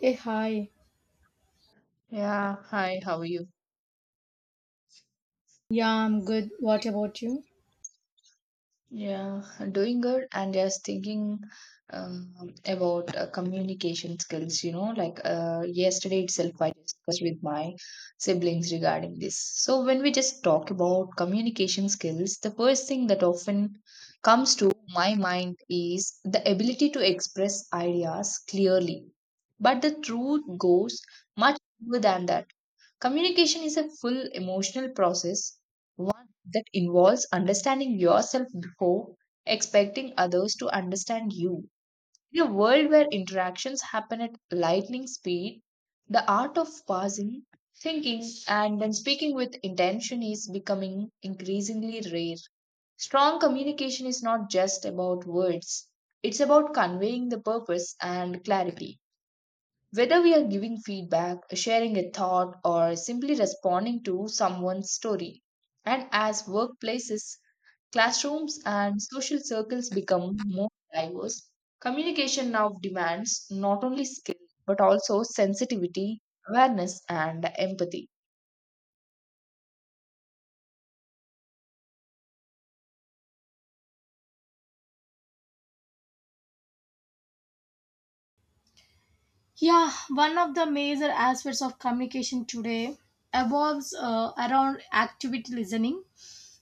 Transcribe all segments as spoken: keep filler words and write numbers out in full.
Hey, hi. Yeah, hi, how are you? Yeah, I'm good. What about you? Yeah, doing good and just thinking um, about uh, communication skills, you know, like uh, yesterday itself I discussed with my siblings regarding this. So when we just talk about communication skills, the first thing that often comes to my mind is the ability to express ideas clearly. But the truth goes much deeper than that. Communication is a full emotional process, one that involves understanding yourself before expecting others to understand you. In a world where interactions happen at lightning speed, the art of pausing, thinking, and then speaking with intention is becoming increasingly rare. Strong communication is not just about words, it's about conveying the purpose and clarity. Whether we are giving feedback, sharing a thought, or simply responding to someone's story. And as workplaces, classrooms, and social circles become more diverse, communication now demands not only skill but also sensitivity, awareness, and empathy. Yeah, one of the major aspects of communication today evolves uh, around activity listening,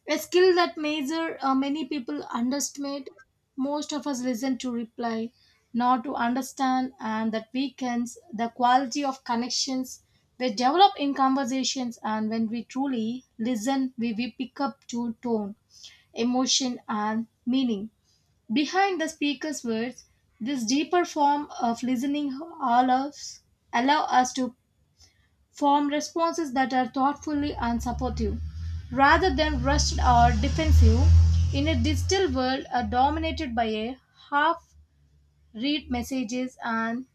a skill that major uh, many people underestimate. Most of us listen to reply, not to understand, and that weakens the quality of connections we develop in conversations. And when we truly listen, we, we pick up to tone, emotion, and meaning. Behind the speaker's words, this deeper form of listening allows, allow us to form responses that are thoughtfully and supportive, rather than rushed or defensive. In a digital world uh, dominated by a half-read messages and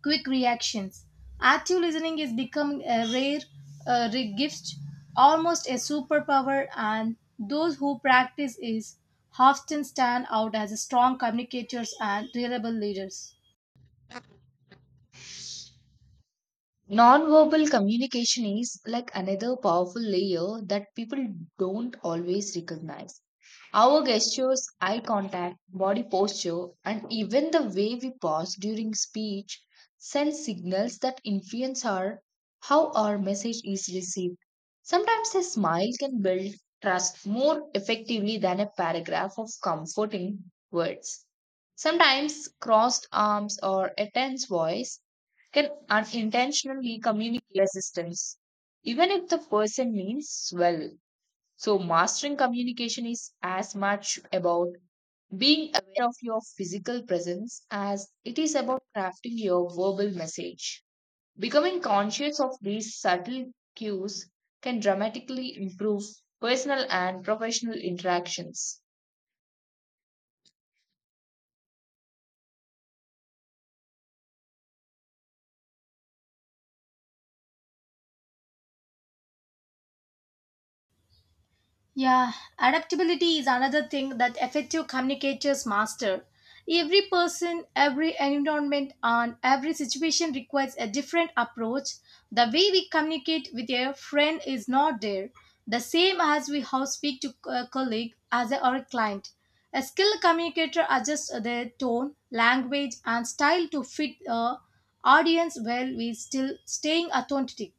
quick reactions. Active listening is becoming a rare uh, re- gift, almost a superpower, and those who practice is often stand out as strong communicators and reliable leaders. Nonverbal communication is like another powerful layer that people don't always recognize. Our gestures, eye contact, body posture, and even the way we pause during speech send signals that influence our how our message is received. Sometimes a smile can build trust more effectively than a paragraph of comforting words. Sometimes crossed arms or a tense voice can unintentionally communicate resistance, even if the person means well. So, mastering communication is as much about being aware of your physical presence as it is about crafting your verbal message. Becoming conscious of these subtle cues can dramatically improve personal and professional interactions. Yeah, adaptability is another thing that effective communicators master. Every person, every environment, and every situation requires a different approach. The way we communicate with a friend is not there, the same as we how speak to a colleague as a, or a client. A skilled communicator adjusts their tone, language, and style to fit uh, audience while we still staying authentic.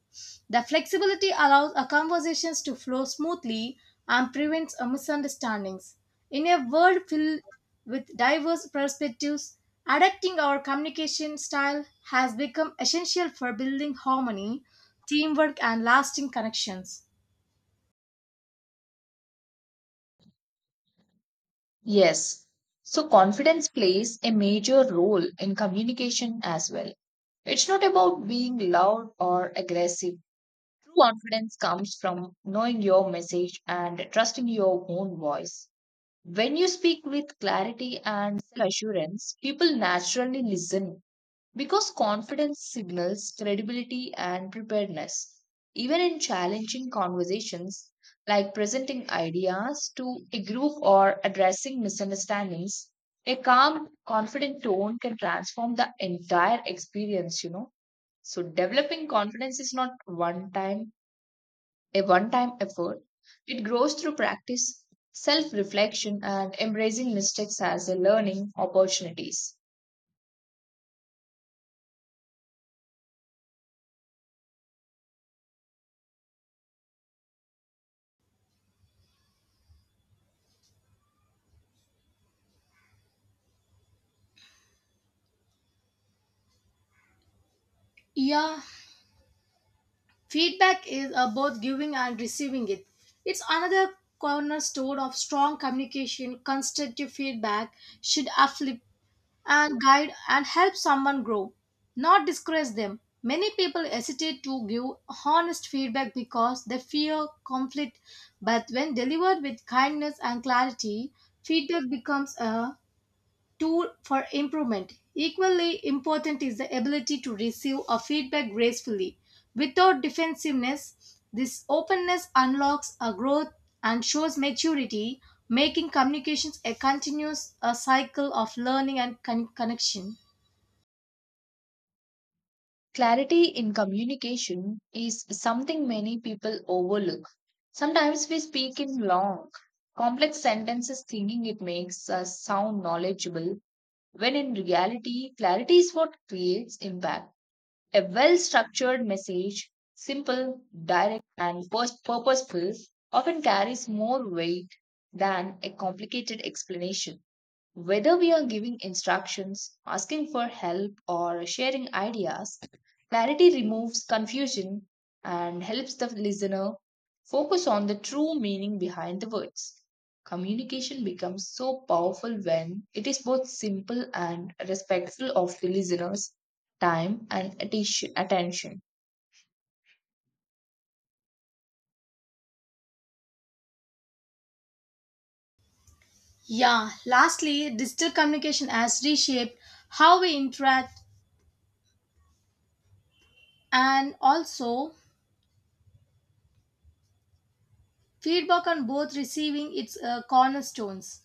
The flexibility allows our conversations to flow smoothly and prevents a misunderstandings. In a world filled with diverse perspectives, adapting our communication style has become essential for building harmony, teamwork, and lasting connections. Yes. So confidence plays a major role in communication as well. It's not about being loud or aggressive. True confidence comes from knowing your message and trusting your own voice. When you speak with clarity and assurance, people naturally listen because confidence signals credibility and preparedness. Even in challenging conversations, like presenting ideas to a group or addressing misunderstandings, a calm, confident tone can transform the entire experience, you know. So, developing confidence is not one time a one time effort. It grows through practice, self reflection, and embracing mistakes as a learning opportunities. Yeah, feedback is about giving and receiving it. It's another cornerstone of strong communication. Constructive feedback should uplift and guide and help someone grow, not discourage them. Many people hesitate to give honest feedback because they fear conflict, but when delivered with kindness and clarity, feedback becomes a tool for improvement. Equally important is the ability to receive a feedback gracefully. Without defensiveness, this openness unlocks a growth and shows maturity, making communications a continuous a cycle of learning and con- connection. Clarity in communication is something many people overlook. Sometimes we speak in long, complex sentences thinking it makes us sound knowledgeable, when in reality, clarity is what creates impact. A well structured message, simple, direct, and pers- purposeful, often carries more weight than a complicated explanation. Whether we are giving instructions, asking for help, or sharing ideas, clarity removes confusion and helps the listener focus on the true meaning behind the words. Communication becomes so powerful when it is both simple and respectful of the listener's time and atti- attention. Yeah, lastly, digital communication has reshaped how we interact and also feedback on both receiving its uh, cornerstones.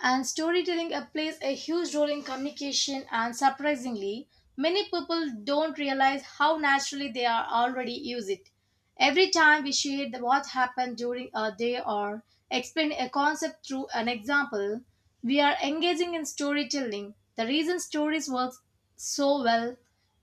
And storytelling uh, plays a huge role in communication and surprisingly many people don't realize how naturally they are already use it every time we share the, what happened during a day or explain a concept through an example, we are engaging in storytelling. The reason stories work so well,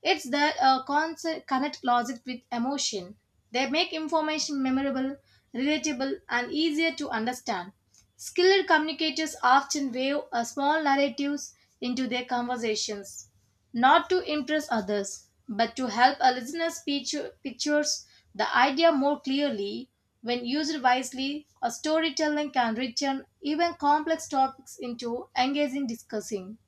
it's that uh, concept connect logic with emotion. They make information memorable, relatable and easier to understand. Skilled communicators often weave a small narratives into their conversations, not to impress others, but to help a listener's picture, pictures the idea more clearly. When used wisely, a storytelling can return even complex topics into engaging discussing.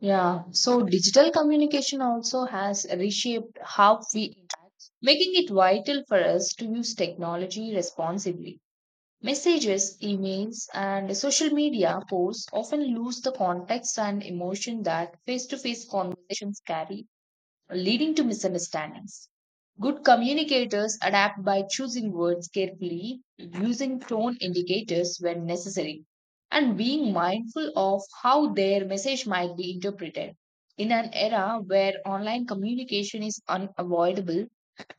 Yeah, so digital communication also has reshaped how we interact, making it vital for us to use technology responsibly. Messages, emails, and social media posts often lose the context and emotion that face to face conversations carry, leading to misunderstandings. Good communicators adapt by choosing words carefully, using tone indicators when necessary, and being mindful of how their message might be interpreted. In an era where online communication is unavoidable,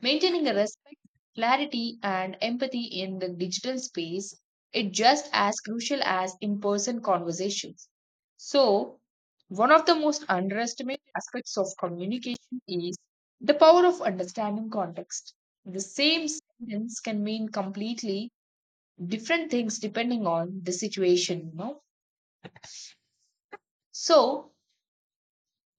maintaining a respect, clarity, and empathy in the digital space is just as crucial as in person conversations. So, one of the most underestimated aspects of communication is the power of understanding context. The same sentence can mean completely different things depending on the situation, you know. So,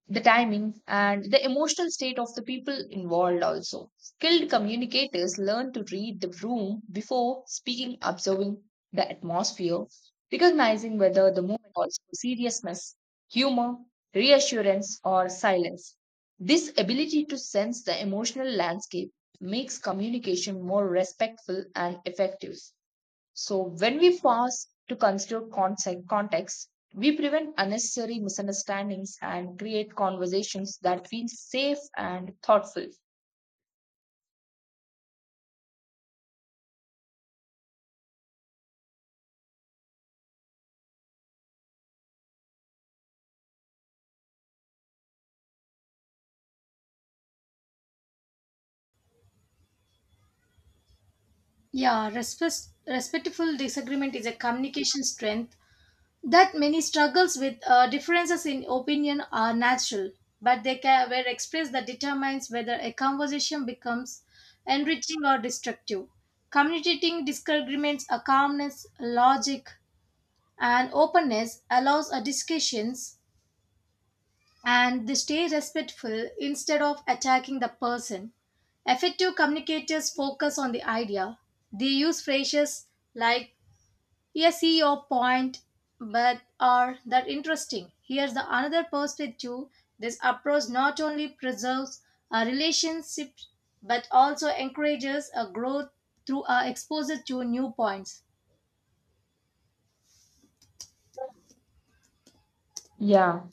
the timing and the emotional state of the people involved also skilled communicators learn to read the room before speaking observing the atmosphere recognizing whether the moment calls for seriousness, humor, reassurance, or silence. This ability to sense the emotional landscape makes communication more respectful and effective. So when we pause to consider concept, context, we prevent unnecessary misunderstandings and create conversations that feel safe and thoughtful. Yeah, respect, respectful disagreement is a communication strength that many struggles with. Uh, differences in opinion are natural, but they can, were expressed that determines whether a conversation becomes enriching or destructive. Communicating disagreements, a calmness, logic, and openness allows a discussions and they stay respectful instead of attacking the person. Effective communicators focus on the idea. They use phrases like, yeah, see your point, but are that interesting. Here's the another perspective. This approach not only preserves our relationships but also encourages a growth through our exposure to new points. Yeah.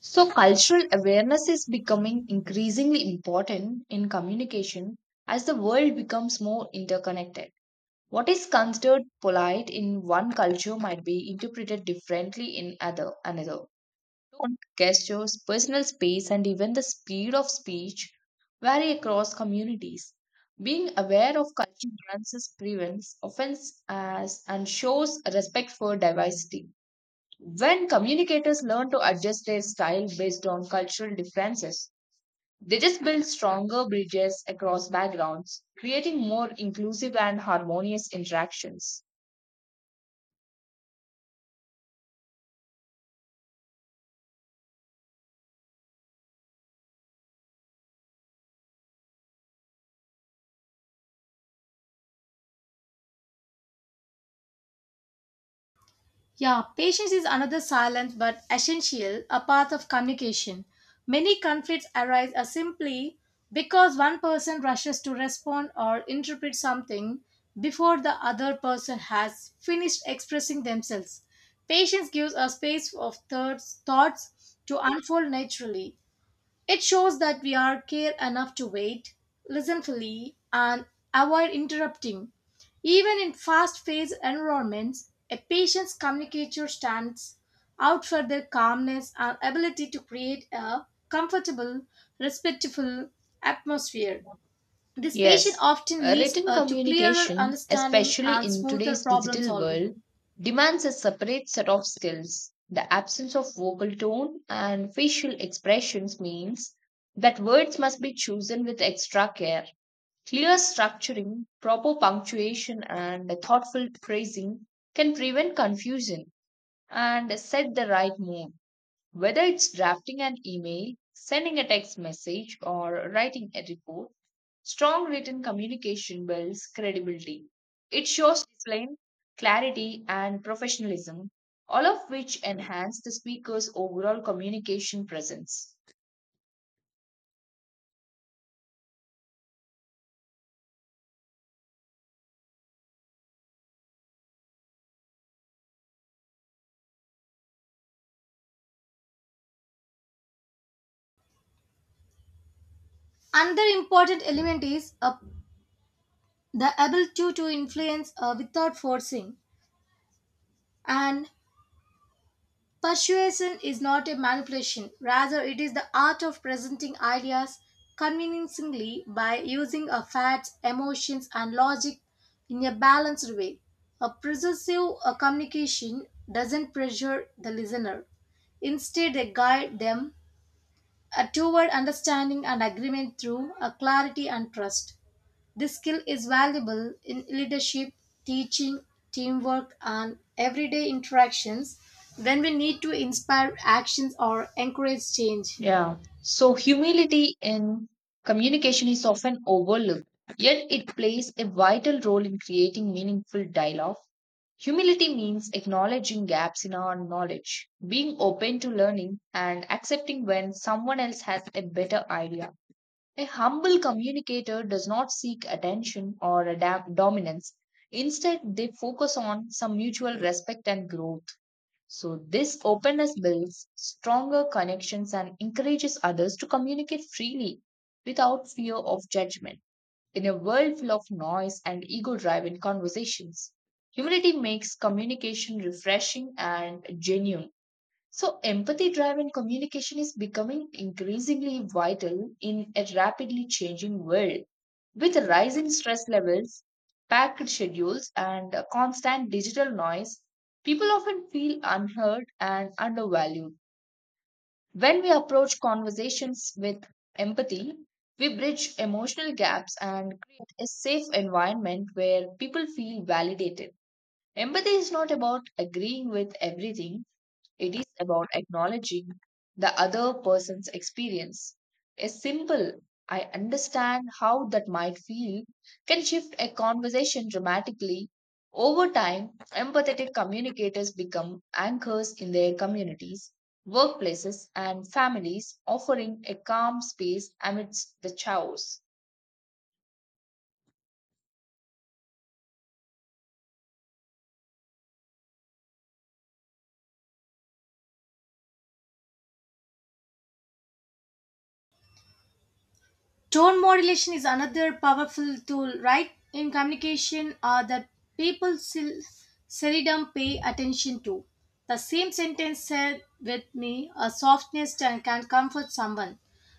So, cultural awareness is becoming increasingly important in communication as the world becomes more interconnected. What is considered polite in one culture might be interpreted differently in other another. Tone, gestures, personal space, and even the speed of speech vary across communities. Being aware of cultural nuances prevents offense as and shows respect for diversity. When communicators learn to adjust their style based on cultural differences, they just build stronger bridges across backgrounds, creating more inclusive and harmonious interactions. Yeah, patience is another silent but essential a part of communication. Many conflicts arise are simply because one person rushes to respond or interpret something before the other person has finished expressing themselves. Patience gives a space of thirds, thoughts to unfold naturally. It shows that we are care enough to wait, listen fully, and avoid interrupting. Even in fast-paced environments, a patient's communicator stands out for their calmness and ability to create a comfortable, respectful atmosphere. This patient Yes, often uh, leads written uh, to clearer communication, understanding especially and in smoother today's problem digital solving. world, demands a separate set of skills. The absence of vocal tone and facial expressions means that words must be chosen with extra care. Clear structuring, proper punctuation, and thoughtful phrasing can prevent confusion and set the right mood. Whether it's drafting an email, sending a text message, or writing a report, strong written communication builds credibility. It shows discipline, clarity, and professionalism, all of which enhance the speaker's overall communication presence. Another important element is uh, the ability to influence uh, without forcing. And persuasion is not a manipulation, rather, it is the art of presenting ideas convincingly by using a facts, emotions, and logic in a balanced way. A persuasive uh, communication doesn't pressure the listener. Instead, they guide them uh, toward understanding and agreement through a clarity and trust. This skill is valuable in leadership, teaching, teamwork, and everyday interactions when we need to inspire actions or encourage change. Yeah. So, humility in communication is often overlooked, yet, it plays a vital role in creating meaningful dialogue. Humility means acknowledging gaps in our knowledge, being open to learning, and accepting when someone else has a better idea. A humble communicator does not seek attention or adapt dominance. Instead, they focus on some mutual respect and growth. So, this openness builds stronger connections and encourages others to communicate freely without fear of judgment. In a world full of noise and ego driven conversations, humility makes communication refreshing and genuine. So, empathy driven communication is becoming increasingly vital in a rapidly changing world. With rising stress levels, packed schedules, and constant digital noise, people often feel unheard and undervalued. When we approach conversations with empathy, we bridge emotional gaps and create a safe environment where people feel validated. Empathy is not about agreeing with everything, it is about acknowledging the other person's experience. A simple, I understand how that might feel, can shift a conversation dramatically. Over time, empathetic communicators become anchors in their communities, workplaces, and families, offering a calm space amidst the chaos. Tone modulation is another powerful tool, right, in communication uh, that people sel- seldom pay attention to. The same sentence said with me, a softness can can comfort someone,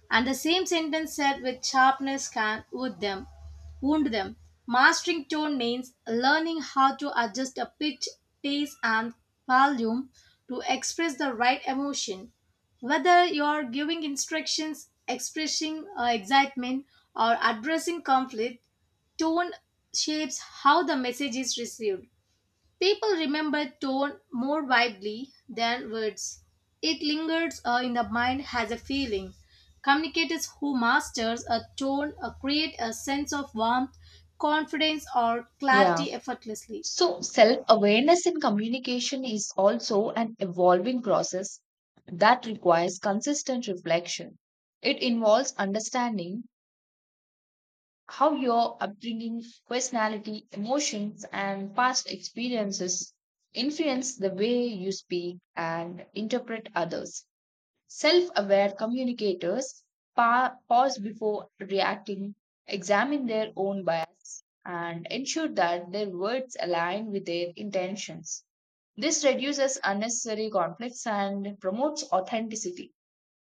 and the same sentence said with sharpness can wound them. Wound them. Mastering tone means learning how to adjust a pitch, pace, and volume to express the right emotion. Whether you're giving instructions, expressing uh, excitement, or addressing conflict, tone shapes how the message is received. People remember tone more widely than words. It lingers uh, in the mind as a feeling. Communicators who masters a tone uh, create a sense of warmth, confidence, or Yeah. clarity effortlessly. So, self awareness in communication is also an evolving process that requires consistent reflection. It involves understanding how your upbringing, personality, emotions, and past experiences influence the way you speak and interpret others. Self aware communicators pa- pause before reacting, examine their own bias, and ensure that their words align with their intentions. This reduces unnecessary conflicts and promotes authenticity.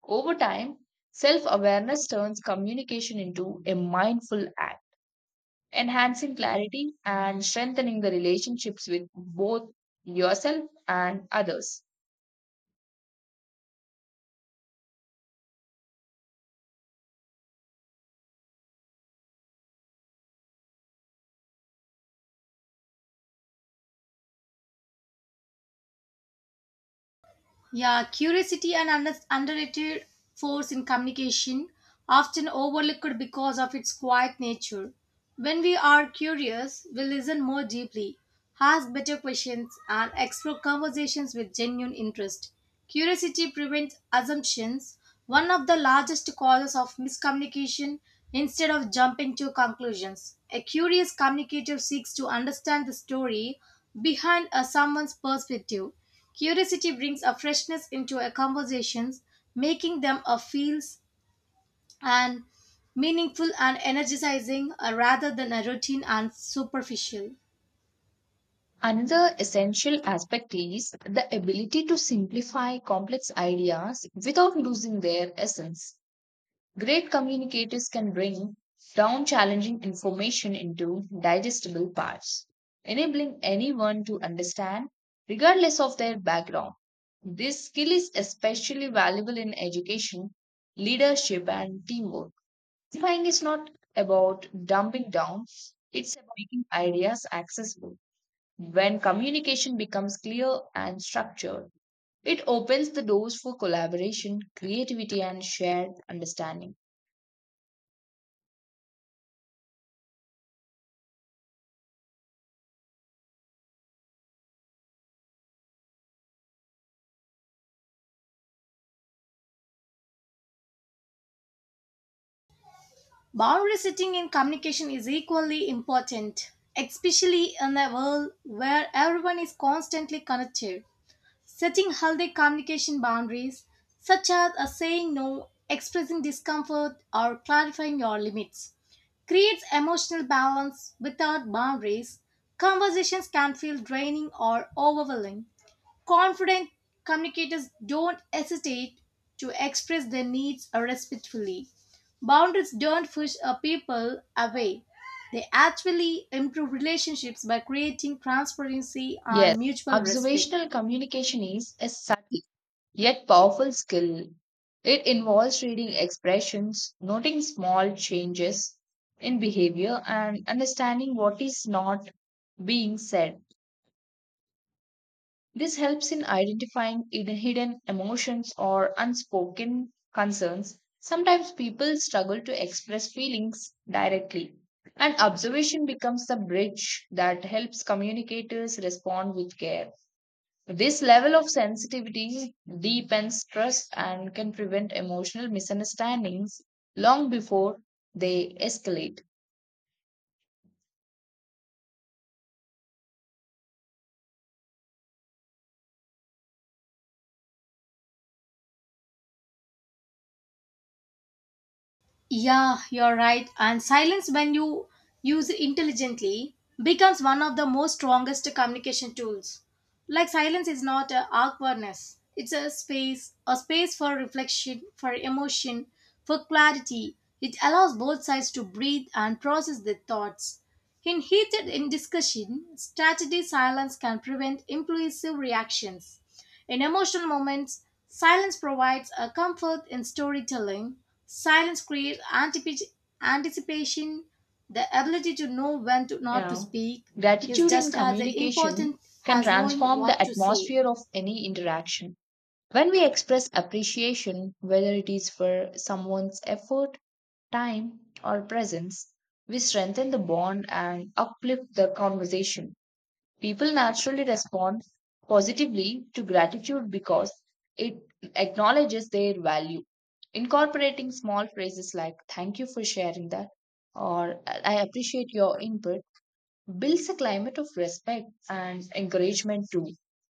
Over time, self awareness turns communication into a mindful act, enhancing clarity and strengthening the relationships with both yourself and others. Yeah, curiosity an under- underrated force in communication, often overlooked because of its quiet nature. When we are curious, we listen more deeply, ask better questions, and explore conversations with genuine interest. Curiosity prevents assumptions, one of the largest causes of miscommunication, instead of jumping to conclusions. A curious communicator seeks to understand the story behind a someone's perspective. Curiosity brings a freshness into a conversations, making them a feels and meaningful and energizing, uh, rather than a routine and superficial. Another essential aspect is the ability to simplify complex ideas without losing their essence. Great communicators can bring down challenging information into digestible parts, enabling anyone to understand regardless of their background. This skill is especially valuable in education, leadership, and teamwork. Simplifying is not about dumbing down, it's about making ideas accessible when communication becomes clear and structured, it opens the doors for collaboration, creativity, and shared understanding. Boundary setting in communication is equally important, especially in a world where everyone is constantly connected. Setting healthy communication boundaries, such as a saying no, expressing discomfort, or clarifying your limits, creates emotional balance without boundaries. Conversations can feel draining or overwhelming. Confident communicators don't hesitate to express their needs respectfully. Boundaries don't push a people away. They actually improve relationships by creating transparency and Yes, mutual respect. observational communication is a subtle yet powerful skill. It involves reading expressions, noting small changes in behavior, and understanding what is not being said. This helps in identifying hidden hidden emotions or unspoken concerns. Sometimes people struggle to express feelings directly, and observation becomes the bridge that helps communicators respond with care. This level of sensitivity deepens trust and can prevent emotional misunderstandings long before they escalate. Yeah, you're right. And silence, when you use it intelligently, becomes one of the most strongest communication tools. Like silence is not a awkwardness; it's a space, a space for reflection, for emotion, for clarity. It allows both sides to breathe and process their thoughts. In heated in discussion, strategy silence can prevent impulsive reactions. In emotional moments, silence provides a comfort in storytelling. Silence creates antip- anticipation, the ability to know when to not to Yeah. speak is Gratitude in just as communication important can as knowing transform the what to say. atmosphere of any interaction. When we express appreciation, whether it is for someone's effort, time, or presence, we strengthen the bond and uplift the conversation. People naturally respond positively to gratitude because it acknowledges their value. Incorporating small phrases like, "Thank you for sharing that," or "I appreciate your input" builds a climate of respect and encouragement too.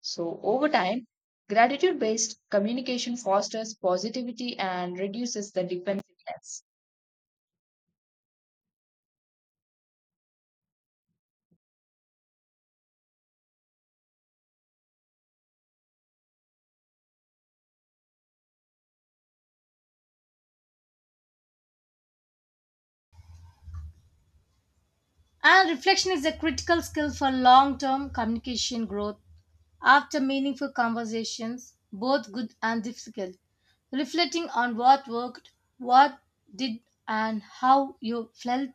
So, over time, gratitude based communication fosters positivity and reduces the defensiveness. And reflection is a critical skill for long term communication growth. After meaningful conversations, both good and difficult, reflecting on what worked, what did, and how you felt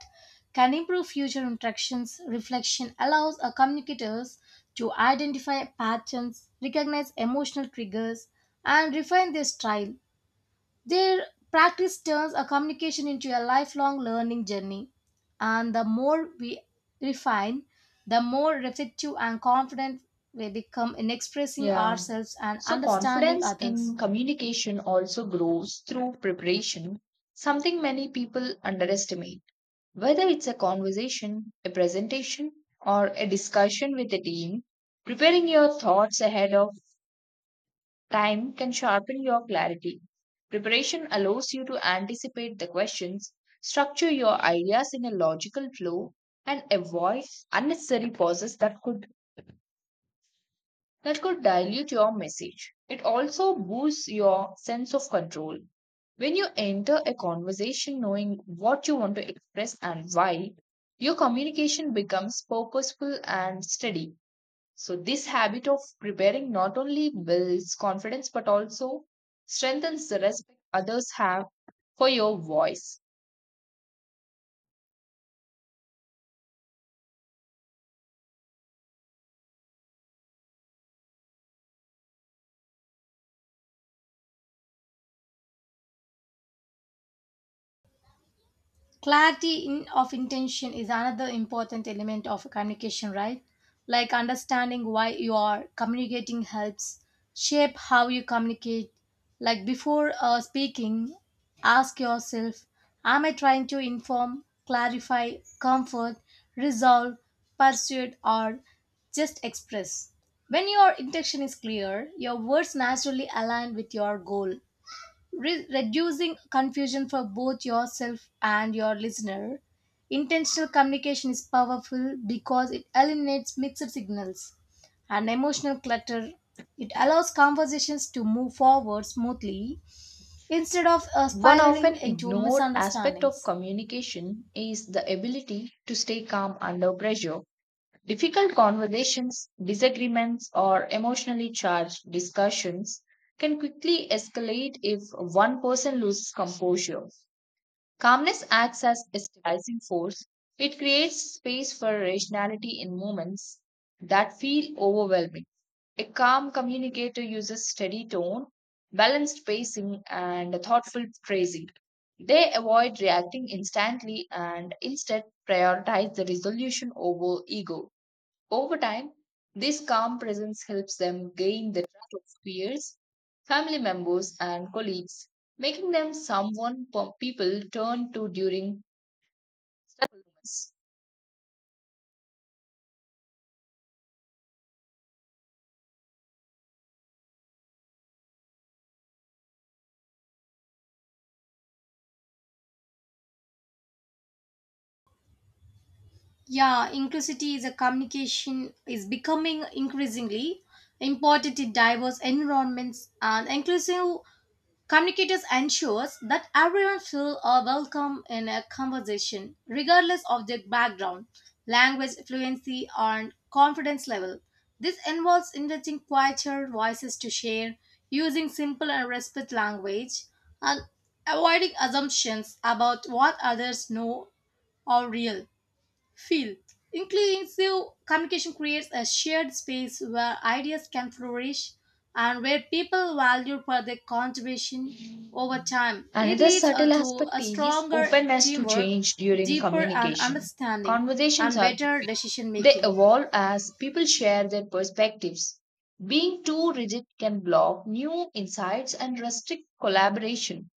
can improve future interactions. Reflection allows our communicators to identify patterns, recognize emotional triggers, and refine their style. Their practice turns a communication into a lifelong learning journey, and the more we refine, the more reflective and confident we become in expressing Yeah. ourselves and So, understanding confidence others. in communication also grows through preparation, something many people underestimate. Whether it's a conversation, a presentation, or a discussion with a team, preparing your thoughts ahead of time can sharpen your clarity. Preparation allows you to anticipate the questions, structure your ideas in a logical flow, and avoid unnecessary pauses that could that could dilute your message. It also boosts your sense of control. When you enter a conversation knowing what you want to express and why, your communication becomes purposeful and steady. So, this habit of preparing not only builds confidence but also strengthens the respect others have for your voice. Clarity in, of intention is another important element of communication, right? Like understanding why you are communicating helps shape how you communicate. Like before uh, speaking, ask yourself, am I trying to inform, clarify, comfort, resolve, persuade, or just express? When your intention is clear, your words naturally align with your goal, re- reducing confusion for both yourself and your listener. Intentional communication is powerful because it eliminates mixed signals and emotional clutter. It allows conversations to move forward smoothly instead of uh, One spiraling often into ignored aspect of misunderstandings. communication is the ability to stay calm under pressure. Difficult conversations, disagreements, or emotionally charged discussions can quickly escalate if one person loses composure. Calmness acts as a stabilizing force. It creates space for rationality in moments that feel overwhelming. A calm communicator uses steady tone, balanced pacing, and thoughtful phrasing. They avoid reacting instantly and instead prioritize the resolution over ego. Over time, this calm presence helps them gain the trust of peers, family members, and colleagues, making them someone po- people turn to during stressful moments. Yeah, inclusivity is a communication is becoming increasingly important in diverse environments and inclusive communicators ensures that everyone feels uh, welcome in a conversation, regardless of their background, language fluency, and confidence level. This involves inviting quieter voices to share, using simple and respect language, and avoiding assumptions about what others know or real. Feel. Inclusive communication creates a shared space where ideas can flourish and where people value for their contribution over time. It Another leads uh, subtle to aspect a is stronger openness to teamwork, change during deeper and communication. understanding, Conversations and are better fluid. decision They making. evolve as people share their perspectives. Being too rigid can block new insights and restrict collaboration.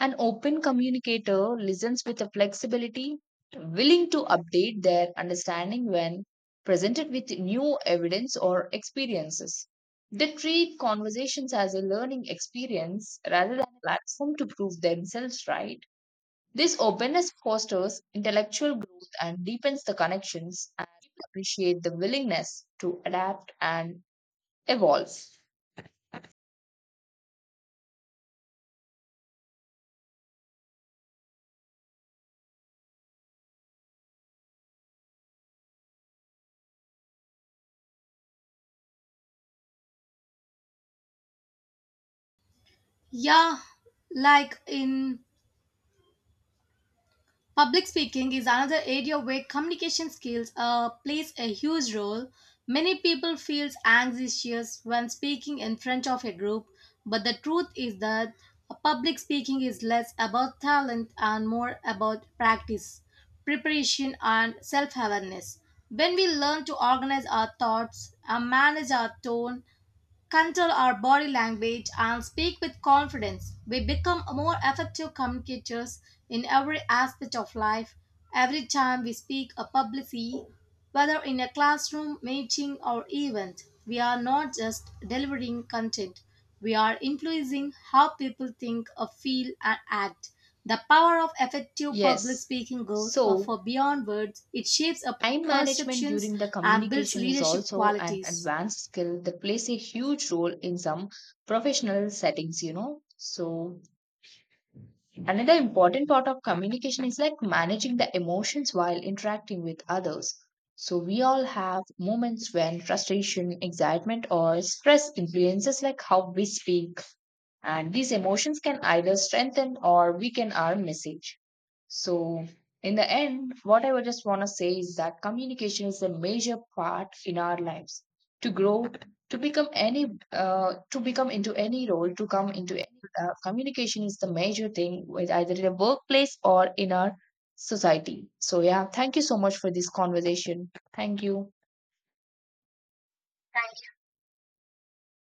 An open communicator listens with a flexibility, willing to update their understanding when presented with new evidence or experiences. They treat conversations as a learning experience rather than a platform to prove themselves right. This openness fosters intellectual growth and deepens the connections and people appreciate the willingness to adapt and evolve. Yeah, like in, public speaking is another area where communication skills uh, plays a huge role. Many people feel anxious when speaking in front of a group, but the truth is that public speaking is less about talent and more about practice, preparation, and self awareness. When we learn to organize our thoughts and manage our tone, control our body language, and speak with confidence, we become more effective communicators in every aspect of life. Every time we speak a publicly, whether in a classroom, meeting, or event, we are not just delivering content, we are influencing how people think, uh, feel, and act. The power of effective public Yes. speaking goes uh, So for beyond words. It shapes our time management perceptions during the and builds communication is leadership also an qualities. advanced skill that plays a huge role in some professional settings, you know. So, another important part of communication is like managing the emotions while interacting with others. So, we all have moments when frustration, excitement, or stress influences like how we speak and these emotions can either strengthen or weaken our message. So, in the end, what I would just want to say is that communication is a major part in our lives. To grow, to become any, uh, to become into any role, to come into any, uh, communication is the major thing with either in a workplace or in our society. So, yeah, thank you so much for this conversation. Thank you.